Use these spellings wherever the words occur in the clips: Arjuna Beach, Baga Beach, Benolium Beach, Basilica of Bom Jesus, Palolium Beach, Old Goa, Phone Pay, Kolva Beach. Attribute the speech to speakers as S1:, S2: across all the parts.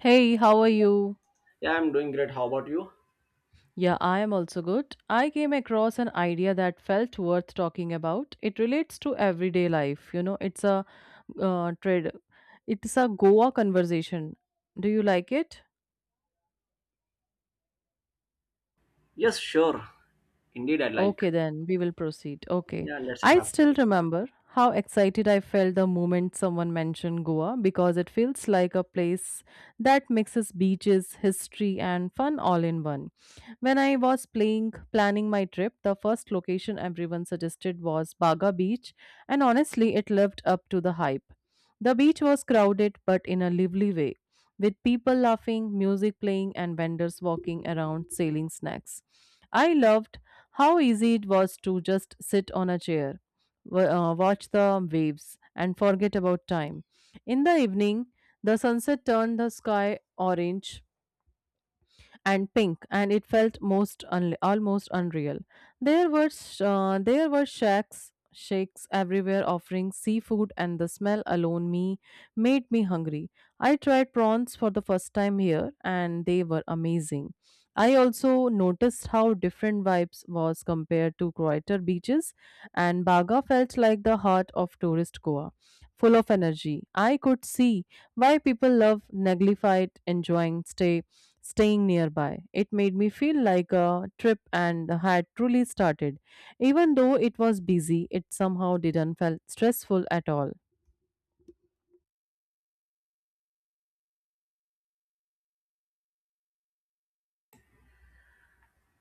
S1: Hey, how are you?
S2: Yeah, I'm doing great. How about you?
S1: Yeah, I am also good. I came across an idea that felt worth talking about. It relates to everyday life. You know, it's a trade. It's a Goa conversation. Do you like it?
S2: Yes, sure. Indeed, I like.
S1: Okay, then we will proceed. Okay.
S2: Yeah, let's
S1: I
S2: have.
S1: still remember how excited I felt the moment someone mentioned Goa because it feels like a place that mixes beaches, history, and fun all in one. When I was playing, planning my trip, the first location everyone suggested was Baga Beach, and honestly, it lived up to the hype. The beach was crowded but in a lively way, with people laughing, music playing, and vendors walking around selling snacks. I loved how easy it was to just sit on a chair, wa- watch the waves, and forget about time. In the evening, the sunset turned the sky orange, and pink, and it felt most unle almost unreal. There were there were shacks, shakes everywhere offering seafood, and the smell alone me made me hungry. I tried prawns for the first time here, and they were amazing. I also noticed how different vibes was compared to quieter beaches, and Baga felt like the heart of tourist Goa, full of energy. I could see why people love Naglified enjoying staying nearby. It made me feel like a trip and had truly started. Even though it was busy, it somehow didn't felt stressful at all.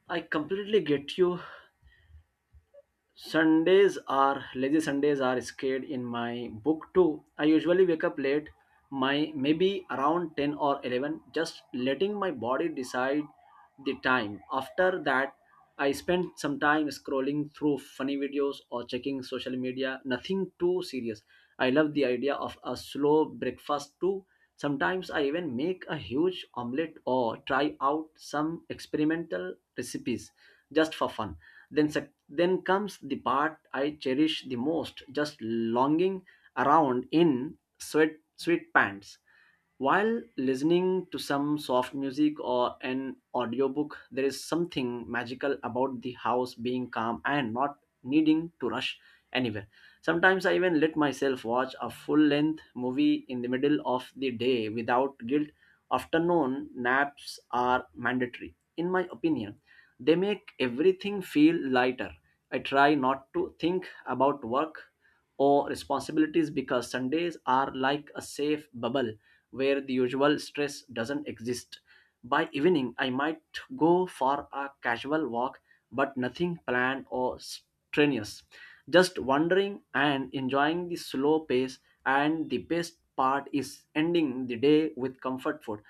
S2: I completely get you. Sundays are lazy Sundays are scared in my book too. I usually wake up late, my maybe around 10 or 11, just letting my body decide the time. After that, I spend some time scrolling through funny videos or checking social media, nothing too serious. I love the idea of a slow breakfast too. Sometimes I even make a huge omelette or try out some experimental recipes just for fun. Then then comes the part I cherish the most, just longing around in sweatpants while listening to some soft music or an audiobook. There is something magical about the house being calm and not needing to rush anywhere. Sometimes I even let myself watch a full length movie in the middle of the day without guilt. Afternoon naps are mandatory. In my opinion, they make everything feel lighter. I try not to think about work or responsibilities because Sundays are like a safe bubble where the usual stress doesn't exist. By evening, I might go for a casual walk, but nothing planned or strenuous. Just wandering and enjoying the slow pace, and the best part is ending the day with comfort food.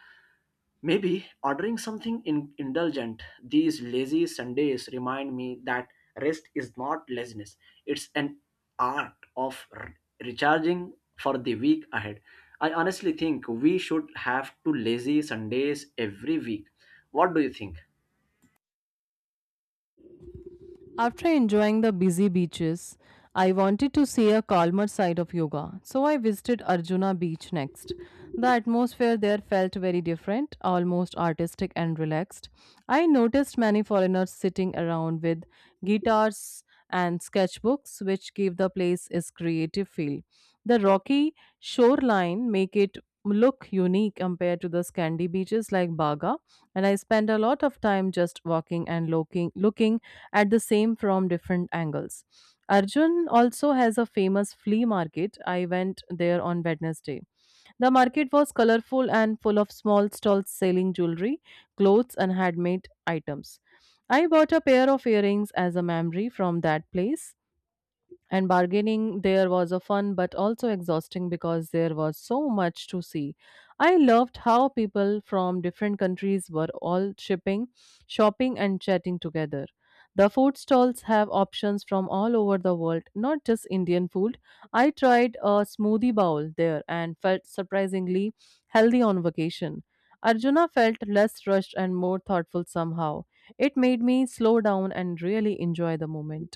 S2: Maybe ordering something indulgent. These lazy Sundays remind me that rest is not laziness. It's an art of recharging for the week ahead. I honestly think we should have two lazy Sundays every week. What do you think?
S1: After enjoying the busy beaches, I wanted to see a calmer side of yoga, so I visited Arjuna Beach next. The atmosphere there felt very different, almost artistic and relaxed. I noticed many foreigners sitting around with guitars and sketchbooks, which gave the place its creative feel. The rocky shoreline make it look unique compared to the sandy beaches like Baga, and I spend a lot of time just walking and looking at the same from different angles. Arjun also has a famous flea market. I went there on Wednesday. The market was colorful and full of small stalls selling jewelry, clothes, and handmade items. I bought a pair of earrings as a memory from that place. And bargaining there was a fun but also exhausting because there was so much to see. I loved how people from different countries were all shopping, and chatting together. The food stalls have options from all over the world, not just Indian food. I tried a smoothie bowl there and felt surprisingly healthy on vacation. Arjuna felt less rushed and more thoughtful somehow. It made me slow down and really enjoy the moment.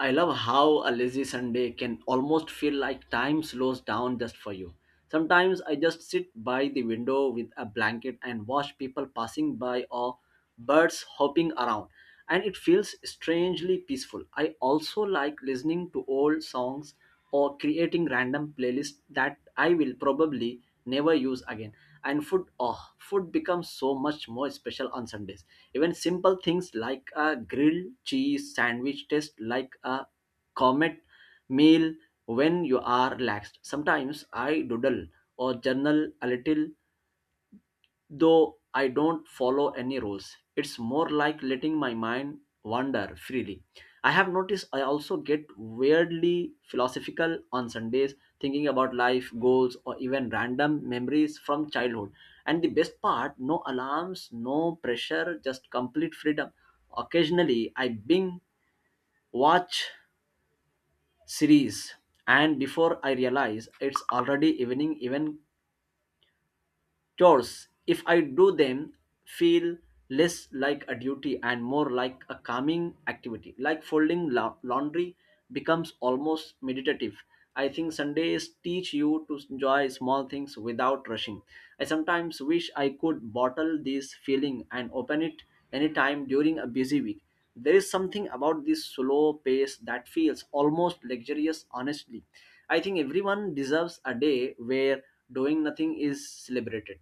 S2: I love how a lazy Sunday can almost feel like time slows down just for you. Sometimes I just sit by the window with a blanket and watch people passing by or birds hopping around, and it feels strangely peaceful. I also like listening to old songs or creating random playlists that I will probably never use again. And food, oh, food becomes so much more special on Sundays. Even simple things like a grilled cheese sandwich taste like a comet meal when you are relaxed. Sometimes I doodle or journal a little, though I don't follow any rules. It's more like letting my mind wander freely. I have noticed I also get weirdly philosophical on Sundays, thinking about life, goals, or even random memories from childhood. And the best part, no alarms, no pressure, just complete freedom. Occasionally, I bing watch series, and before I realize, it's already evening. Even chores, if I do them, feel less like a duty and more like a calming activity. Like folding laundry becomes almost meditative. I think Sundays teach you to enjoy small things without rushing. I sometimes wish I could bottle this feeling and open it anytime during a busy week. There is something about this slow pace that feels almost luxurious, honestly. I think everyone deserves a day where doing nothing is celebrated.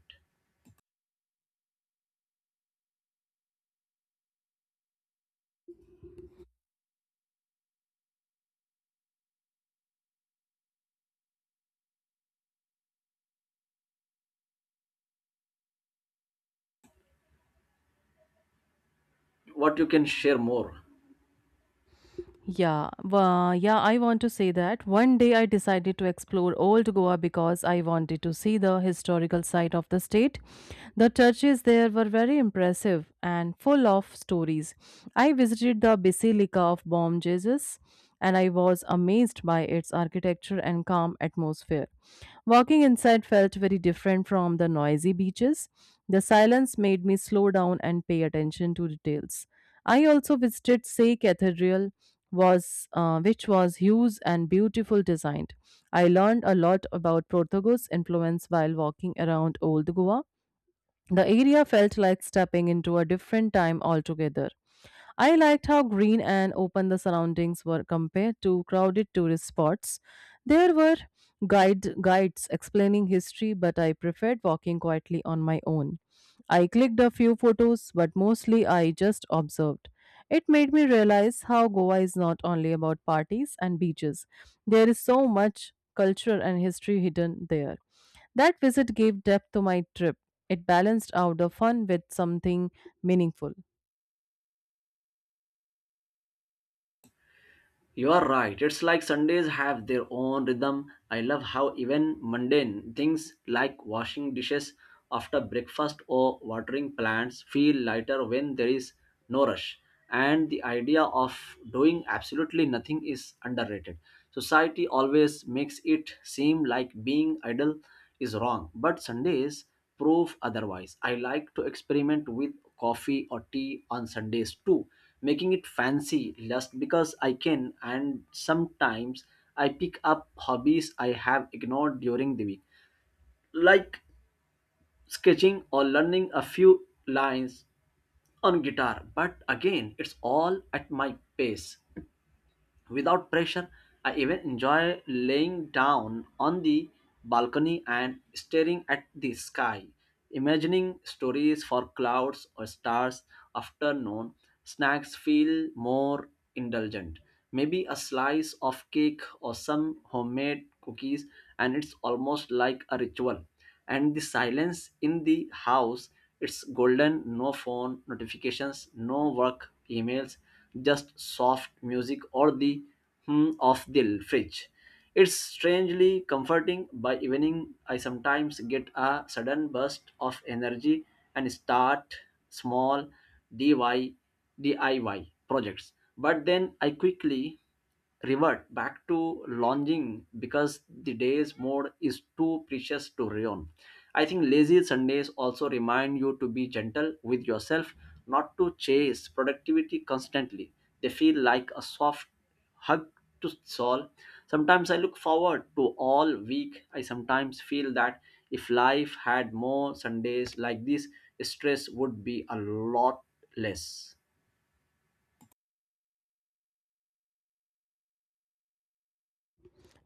S2: What you can share more?
S1: Yeah, well, I want to say that one day I decided to explore Old Goa because I wanted to see the historical side of the state. The churches there were very impressive and full of stories. I visited the Basilica of Bom Jesus, and I was amazed by its architecture and calm atmosphere. Walking inside felt very different from the noisy beaches. The silence made me slow down and pay attention to details. I also visited Say Cathedral, was which was huge and beautiful designed. I learned a lot about Portuguese influence while walking around Old Goa. The area felt like stepping into a different time altogether. I liked how green and open the surroundings were compared to crowded tourist spots. There were guides explaining history, but I preferred walking quietly on my own. I clicked a few photos, but mostly I just observed. It made me realize how Goa is not only about parties and beaches. There is so much culture and history hidden there. That visit gave depth to my trip. It balanced out the fun with something meaningful.
S2: You are right. It's like Sundays have their own rhythm. I love how even mundane things like washing dishes after breakfast or watering plants feel lighter when there is no rush. And the idea of doing absolutely nothing is underrated. Society always makes it seem like being idle is wrong, but Sundays prove otherwise. I like to experiment with coffee or tea on Sundays too, making it fancy just because I can, and sometimes I pick up hobbies I have ignored during the week, like sketching or learning a few lines on guitar. But again, it's all at my pace. Without pressure, I even enjoy laying down on the balcony and staring at the sky, imagining stories for clouds or stars. Afternoon snacks feel more indulgent. Maybe a slice of cake or some homemade cookies, and it's almost like a ritual. And the silence in the house, it's golden. No phone notifications, no work emails, just soft music or the hum of the fridge. It's strangely comforting. By evening, I sometimes get a sudden burst of energy and start small diy diy projects, but then I quickly revert back to lounging because the day's mode is too precious to ruin. I think lazy Sundays also remind you to be gentle with yourself, not to chase productivity constantly. They feel like a soft hug to soul. Sometimes I look forward to all week. I sometimes feel that if life had more Sundays like this, stress would be a lot less.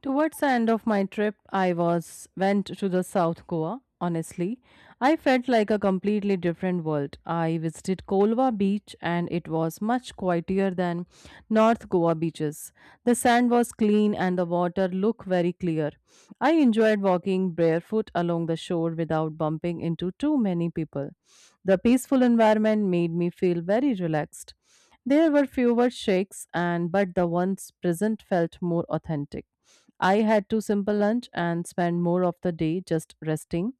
S1: Towards the end of my trip, I was went to the South Goa. Honestly, I felt like a completely different world. I visited Kolva Beach, and it was much quieter than North Goa beaches. The sand was clean and the water looked very clear. I enjoyed walking barefoot along the shore without bumping into too many people. The peaceful environment made me feel very relaxed. There were fewer shakes and but the ones present felt more authentic. I had to simple lunch and spent more of the day just resting.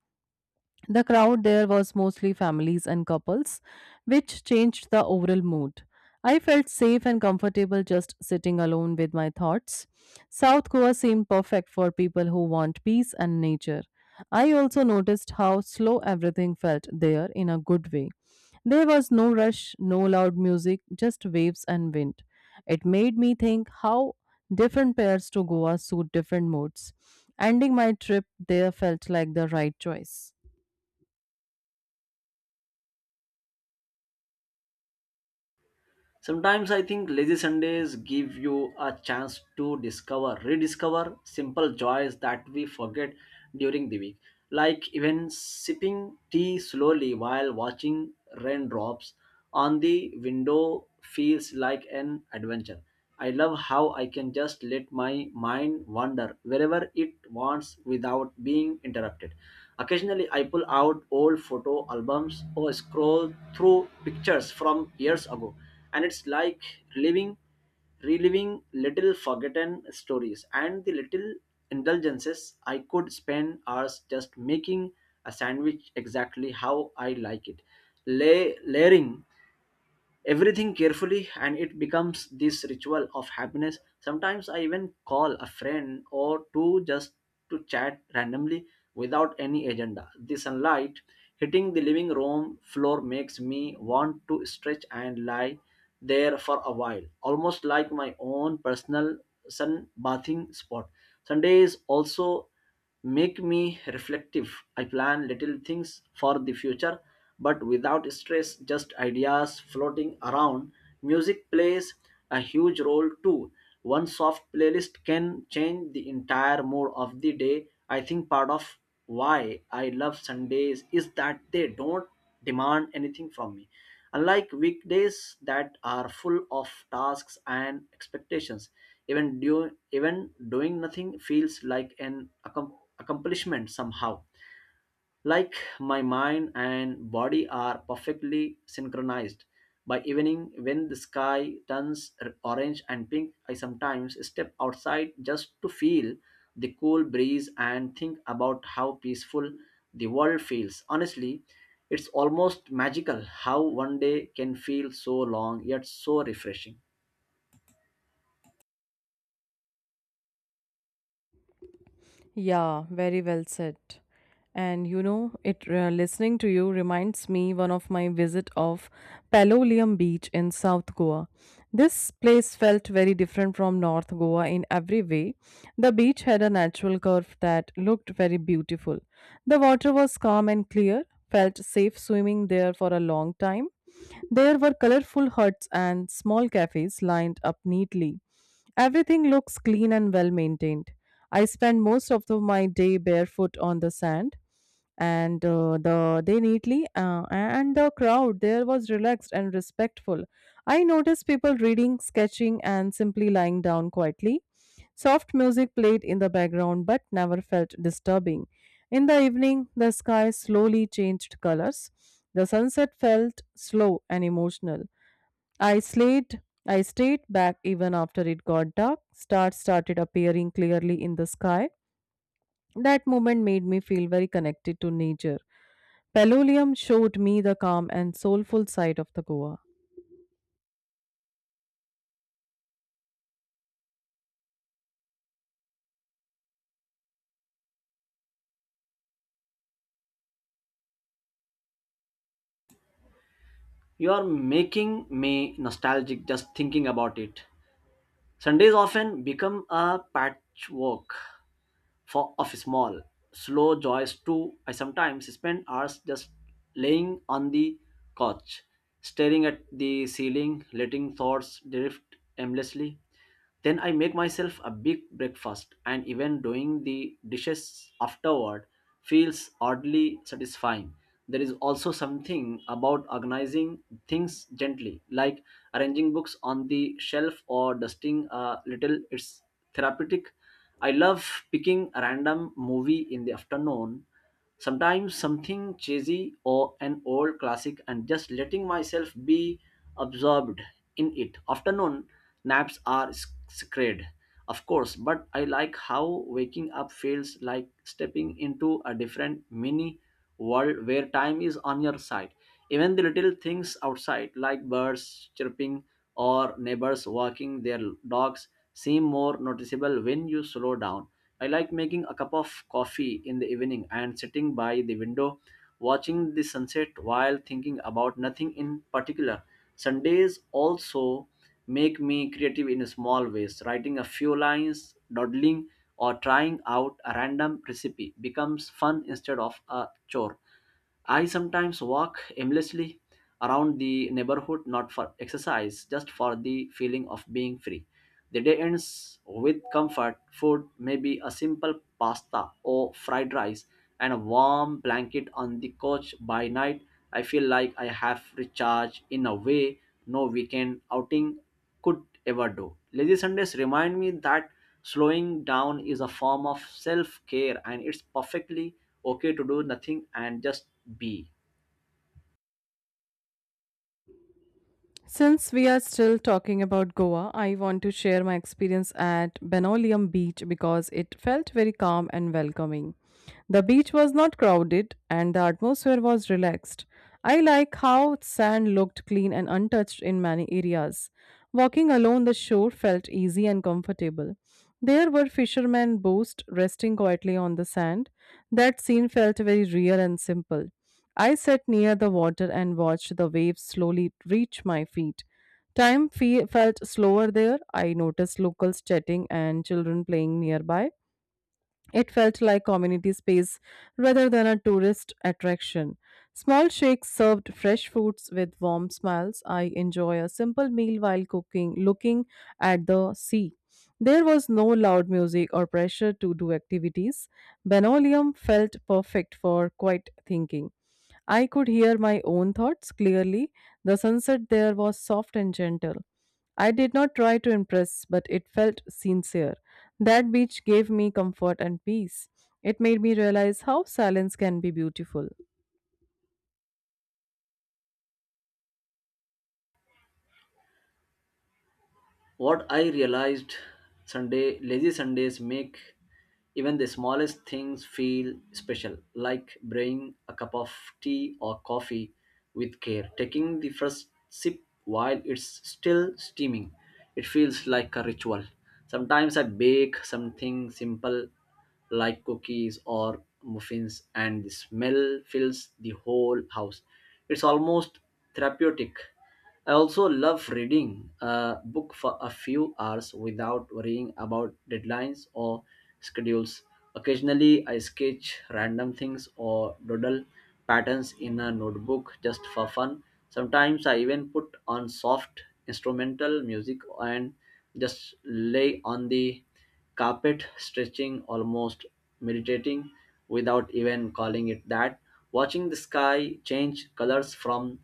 S1: The crowd there was mostly families and couples, which changed the overall mood. I felt safe and comfortable just sitting alone with my thoughts. South Goa seemed perfect for people who want peace and nature. I also noticed how slow everything felt there in a good way. There was no rush, no loud music, just waves and wind. It made me think how different pairs to Goa suit different moods. Ending my trip there felt like the right choice.
S2: Sometimes I think lazy Sundays give you a chance to rediscover simple joys that we forget during the week, like even sipping tea slowly while watching raindrops on the window feels like an adventure. I love how I can just let my mind wander wherever it wants without being interrupted. Occasionally, I pull out old photo albums or scroll through pictures from years ago, and it's like living reliving little forgotten stories. And the little indulgences, I could spend hours just making a sandwich exactly how I like it, lay layering everything carefully, and it becomes this ritual of happiness. Sometimes I even call a friend or two just to chat randomly without any agenda. The sunlight hitting the living room floor makes me want to stretch and lie there for a while, almost like my own personal sun bathing spot. Sundays also make me reflective. I plan little things for the future, but without stress, just ideas floating around. Music plays a huge role too. One soft playlist can change the entire mood of the day. I think part of why I love Sundays is that they don't demand anything from me. Unlike weekdays that are full of tasks and expectations, even doing nothing feels like an accomplishment somehow, like my mind and body are perfectly synchronized. By evening, when the sky turns orange and pink, I sometimes step outside just to feel the cool breeze and think about how peaceful the world feels. Honestly, it's almost magical how one day can feel so long yet so refreshing.
S1: Yeah, very well said. And you know, it listening to you reminds me one of my visit of Palolium Beach in South Goa. This place felt very different from North Goa in every way. The beach had a natural curve that looked very beautiful. The water was calm and clear, felt safe swimming there for a long time. There were colorful huts and small cafes lined up neatly. Everything looks clean and well maintained. I spend most of my day barefoot on the sand, and the they neatly and the crowd there was relaxed and respectful. I noticed people reading, sketching, and simply lying down quietly. Soft music played in the background but never felt disturbing. In the evening, the sky slowly changed colors. The sunset felt slow and emotional. I stayed back even after it got dark. Stars started appearing clearly in the sky. That moment made me feel very connected to nature. Pelolium showed me the calm and soulful side of the Goa.
S2: You are making me nostalgic just thinking about it. Sundays often become a patchwork for of small slow joys too. I sometimes spend hours just laying on the couch staring at the ceiling, letting thoughts drift aimlessly. Then I make myself a big breakfast, and even doing the dishes afterward feels oddly satisfying. There is also something about organizing things gently, like arranging books on the shelf or dusting a little. It's therapeutic. I love picking a random movie in the afternoon, sometimes something cheesy or an old classic, and just letting myself be absorbed in it. Afternoon naps are sacred, of course, but I like how waking up feels like stepping into a different mini world where time is on your side. Even the little things outside, like birds chirping or neighbors walking their dogs, seem more noticeable when you slow down. I like making a cup of coffee in the evening and sitting by the window watching the sunset while thinking about nothing in particular. Sundays also make me creative in small ways. Writing a few lines, dawdling, or trying out a random recipe becomes fun instead of a chore. I sometimes walk aimlessly around the neighborhood, not for exercise, just for the feeling of being free. The day ends with comfort food, maybe a simple pasta or fried rice, and a warm blanket on the couch. By night, I feel like I have recharged in a way no weekend outing could ever do. Lazy Sundays remind me that slowing down is a form of self care, and it's perfectly okay to do nothing and just be.
S1: Since we are still talking about Goa, I want to share my experience at Benolium Beach because it felt very calm and welcoming. The beach was not crowded and the atmosphere was relaxed. I like how sand looked clean and untouched in many areas. Walking along the shore felt easy and comfortable. There were fishermen boats resting quietly on the sand. That scene felt very real and simple. I sat near the water and watched the waves slowly reach my feet. Felt slower there. I noticed locals chatting and children playing nearby. It felt like community space rather than a tourist attraction. Small shakes served fresh foods with warm smiles. I enjoy a simple meal while cooking, looking at the sea. There was no loud music or pressure to do activities. Benolium felt perfect for quiet thinking. I could hear my own thoughts clearly. The sunset there was soft and gentle. I did not try to impress, but it felt sincere. That beach gave me comfort and peace. It made me realize how silence can be beautiful.
S2: What I realized, Sunday, lazy Sundays make even the smallest things feel special, like brewing a cup of tea or coffee with care, taking the first sip while it's still steaming. It feels like a ritual. Sometimes I bake something simple like cookies or muffins, and the smell fills the whole house. It's almost therapeutic. I also love reading a book for a few hours without worrying about deadlines or schedules. Occasionally, I sketch random things or doodle patterns in a notebook just for fun. Sometimes, I even put on soft instrumental music and just lay on the carpet stretching, almost meditating without even calling it that. Watching the sky change colors from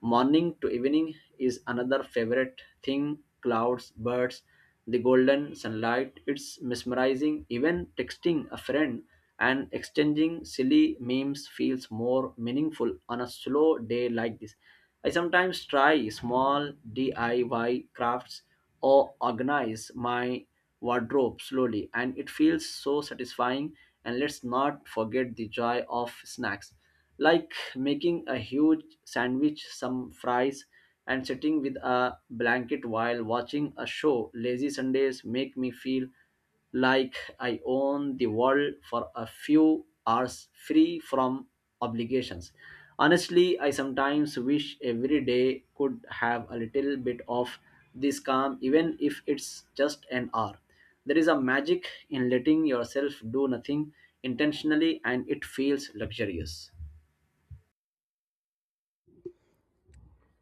S2: morning to evening is another favorite thing. Clouds, birds, the golden sunlight, it's mesmerizing. Even texting a friend and exchanging silly memes feels more meaningful on a slow day like this. I sometimes try small DIY crafts or organize my wardrobe slowly, and it feels so satisfying. And let's not forget the joy of snacks, like making a huge sandwich, some fries, and sitting with a blanket while watching a show. Lazy Sundays make me feel like I own the world for a few hours, free from obligations. Honestly, I sometimes wish every day could have a little bit of this calm, even if it's just an hour. There is a magic in letting yourself do nothing intentionally, and it feels luxurious.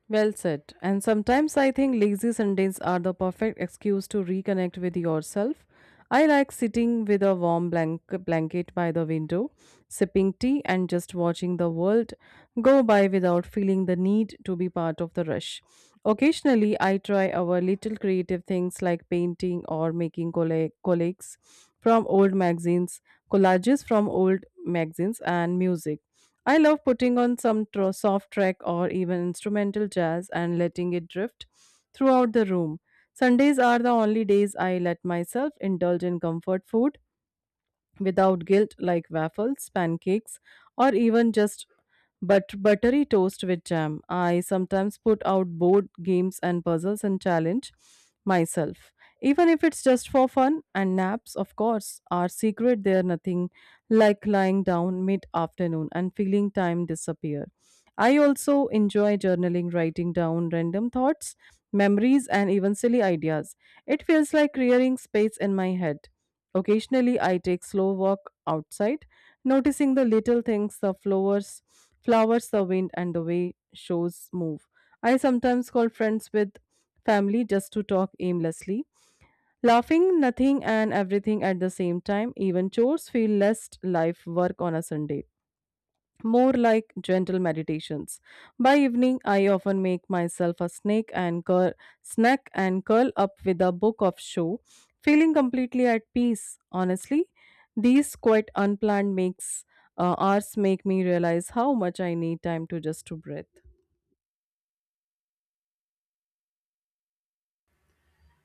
S1: Well said. And sometimes I think lazy Sundays are the perfect excuse to reconnect with yourself. I like sitting with a blanket by the window, sipping tea, and just watching the world go by without feeling the need to be part of the rush. Occasionally, I try our little creative things like painting or making collages from old magazines, and music. I love putting on some soft track or even instrumental jazz and letting it drift throughout the room. Sundays are the only days I let myself indulge in comfort food without guilt, like waffles, pancakes, or even just buttery toast with jam. I sometimes put out board games and puzzles and challenge myself. Even if it's just for fun. And naps, of course, are secret. They're nothing like lying down mid afternoon and feeling time disappear. I also enjoy journaling, writing down random thoughts, memories, and even silly ideas. It feels like clearing space in my head. Occasionally, I take slow walk outside, noticing the little things, the flowers, the wind, and the way shows move. I sometimes call friends with family just to talk aimlessly, laughing nothing and everything at the same time. Even chores feel less life work on a Sunday, more like gentle meditations. By evening, I often make myself a snack and curl up with a book of show, feeling completely at peace. Honestly, these quite unplanned makes hours make me realize how much I need time to just to breathe.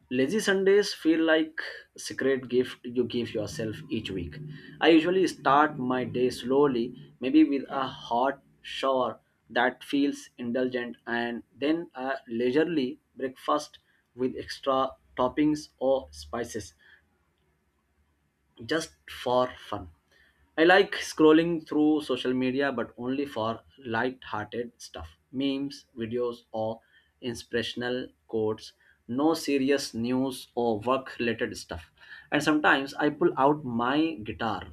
S2: Lazy Sundays feel like secret gift you give yourself each week. I usually start my day slowly, maybe with a hot shower that feels indulgent and then a leisurely breakfast with extra toppings or spices just for fun. I like scrolling through social media, but only for light-hearted stuff, memes, videos, or inspirational quotes. No serious news or work-related stuff. And sometimes I pull out my guitar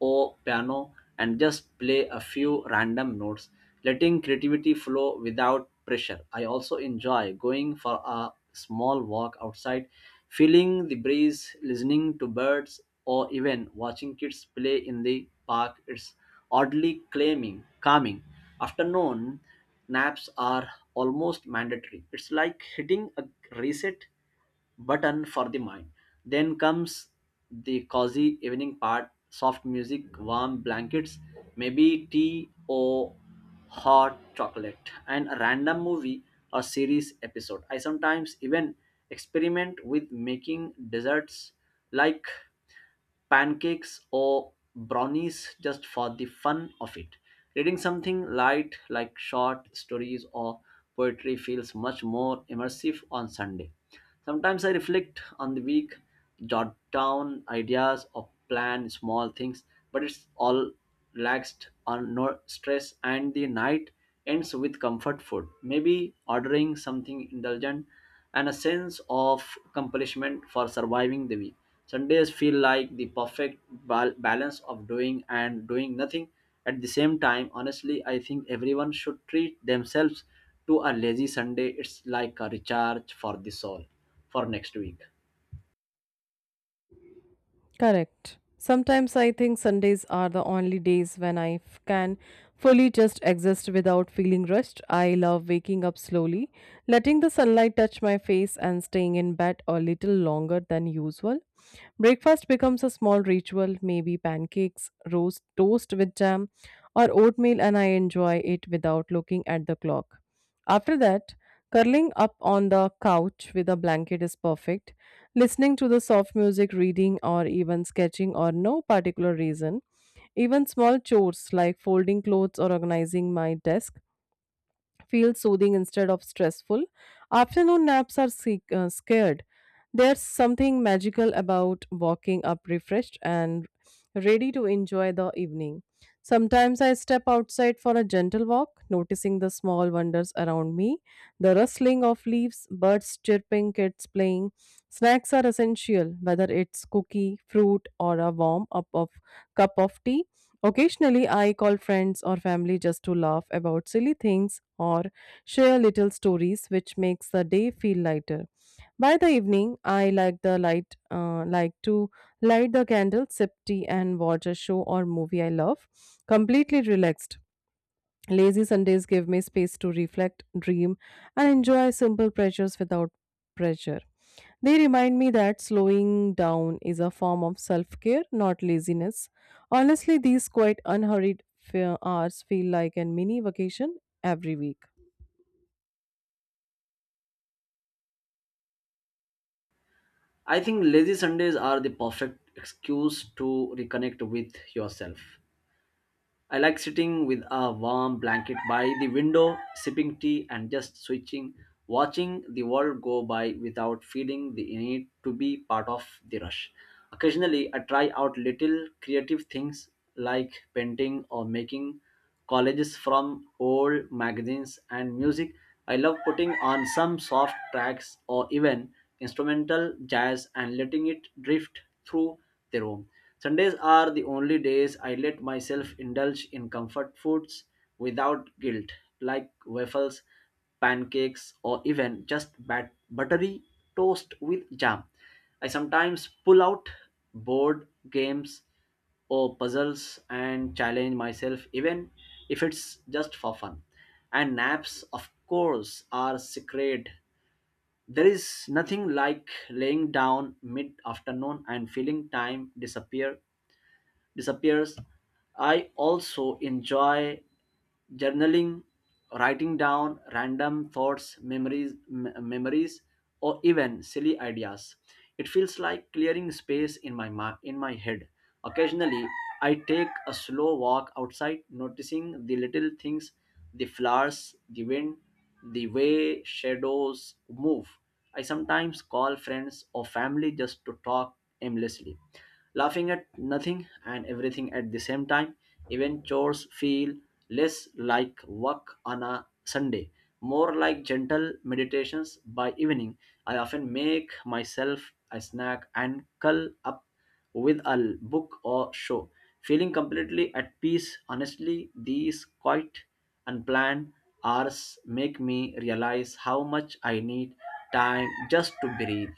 S2: or piano and just play a few random notes, letting creativity flow without pressure. I also enjoy going for a small walk outside, feeling the breeze, listening to birds, or even watching kids play in the park. It's calming. Afternoon naps are almost mandatory. It's like hitting a reset button for the mind. Then comes the cozy evening part, soft music, warm blankets, maybe tea or hot chocolate, and a random movie or series episode. I sometimes even experiment with making desserts like pancakes or brownies just for the fun of it. Reading something light like short stories or poetry feels much more immersive on Sunday. Sometimes I reflect on the week, jot down ideas or plan small things, but it's all relaxed on no stress, and the night ends with comfort food, maybe ordering something indulgent and a sense of accomplishment for surviving the week. Sundays feel like the perfect balance of doing and doing nothing at the same time. Honestly, I think everyone should treat themselves to a lazy Sunday. It's like a recharge for the soul for next week.
S1: Correct. Sometimes I think Sundays are the only days when can fully just exist without feeling rushed. I love waking up slowly, letting the sunlight touch my face, and staying in bed a little longer than usual. Breakfast becomes a small ritual, maybe pancakes, roast toast with jam, or oatmeal, and I enjoy it without looking at the clock. After that, curling up on the couch with a blanket is perfect. Listening to the soft music, reading, or even sketching, or no particular reason. Even small chores like folding clothes or organizing my desk feel soothing instead of stressful. Afternoon naps are scared. There's something magical about walking up refreshed and ready to enjoy the evening. Sometimes I step outside for a gentle walk, noticing the small wonders around me, the rustling of leaves, birds chirping, kids playing. Snacks are essential, whether it's cookie, fruit, or a warm up of cup of tea. Occasionally, I call friends or family just to laugh about silly things or share little stories, which makes the day feel lighter. By the evening, I like like to light the candle, sip tea, and watch a show or movie I love, completely relaxed. Lazy Sundays give me space to reflect, dream, and enjoy simple pleasures without pressure. They remind me that slowing down is a form of self care, not laziness. Honestly, these quite unhurried hours feel like a mini vacation every week.
S2: I think lazy Sundays are the perfect excuse to reconnect with yourself. I like sitting with a warm blanket by the window, sipping tea, and just switching, watching the world go by without feeling the need to be part of the rush. Occasionally, I try out little creative things like painting or making collages from old magazines and music. I love putting on some soft tracks or even instrumental jazz and letting it drift through the room. Sundays are the only days I let myself indulge in comfort foods without guilt, like waffles, pancakes, or even just buttery toast with jam. I sometimes pull out board games or puzzles and challenge myself, even if it's just for fun. And naps, of course, are sacred. There is nothing like laying down mid afternoon and feeling time disappear disappears. I also enjoy journaling, writing down random thoughts, memories, memories, or even silly ideas. It feels like clearing space in in my head. Occasionally, I take a slow walk outside, noticing the little things, the flowers, the wind, the way shadows move. I sometimes call friends or family just to talk aimlessly, laughing at nothing and everything at the same time. Even chores feel less like work on a Sunday, more like gentle meditations by evening. I often make myself a snack and curl up with a book or show, feeling completely at peace. Honestly, these quite unplanned hours make me realize how much I need time just to breathe.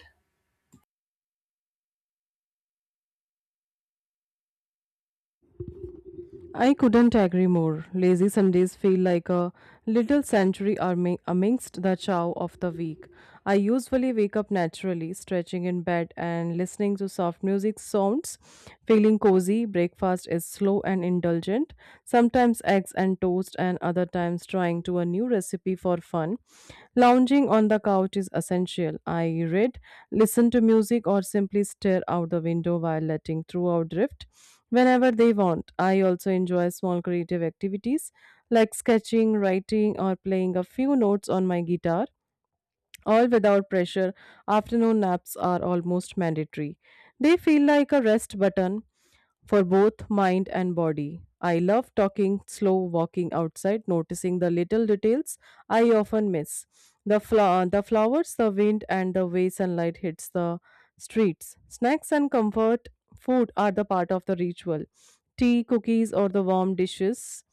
S1: I couldn't agree more. Lazy Sundays feel like a little sanctuary amidst the chow of the week. I usually wake up naturally, stretching in bed and listening to soft music sounds. Feeling cozy, breakfast is slow and indulgent, sometimes eggs and toast, and other times trying to a new recipe for fun. Lounging on the couch is essential. I read, listen to music, or simply stare out the window while letting throughout drift whenever they want. I also enjoy small creative activities like sketching, writing, or playing a few notes on my guitar, all without pressure. Afternoon naps are almost mandatory. They feel like a rest button for both mind and body. I love talking, slow walking outside, noticing the little details I often miss. The flowers, the wind, and the way sunlight hits the streets. Snacks and comfort food are the part of the ritual. Tea, cookies, or the warm dishes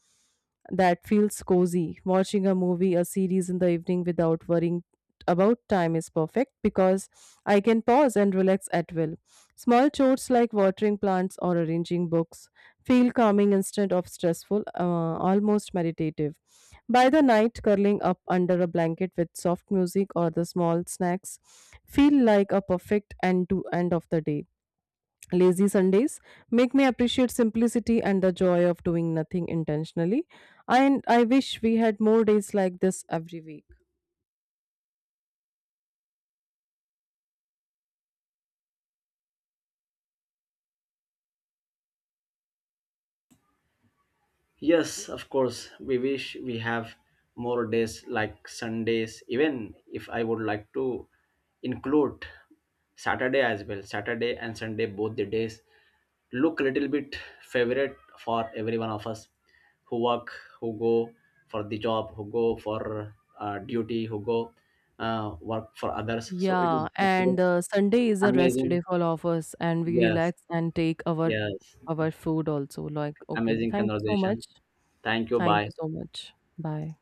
S1: that feels cozy. Watching a movie, a series in the evening without worrying about time is perfect because I can pause and relax at will. Small chores like watering plants or arranging books feel calming instead of almost meditative. By the night, curling up under a blanket with soft music or the small snacks feel like a perfect end of the day. Lazy Sundays make me appreciate simplicity and the joy of doing nothing intentionally. And I wish we had more days like this every week.
S2: Yes, of course. We wish we have more days like Sundays, even if I would like to include Saturday as well. Saturday and Sunday, both the days look a little bit favorite for every one of us who work, who go for the job, who go for duty, who go work for others. So it
S1: Yeah,
S2: is absolutely
S1: and Sunday is a rest day
S2: amazing.
S1: for all of us, and we
S2: Yes,
S1: relax and take our
S2: yes.
S1: our food also. Like, okay,
S2: Amazing
S1: thank you so
S2: conversation.
S1: much.
S2: Thank you.
S1: Thank you
S2: Bye.
S1: so much. Bye.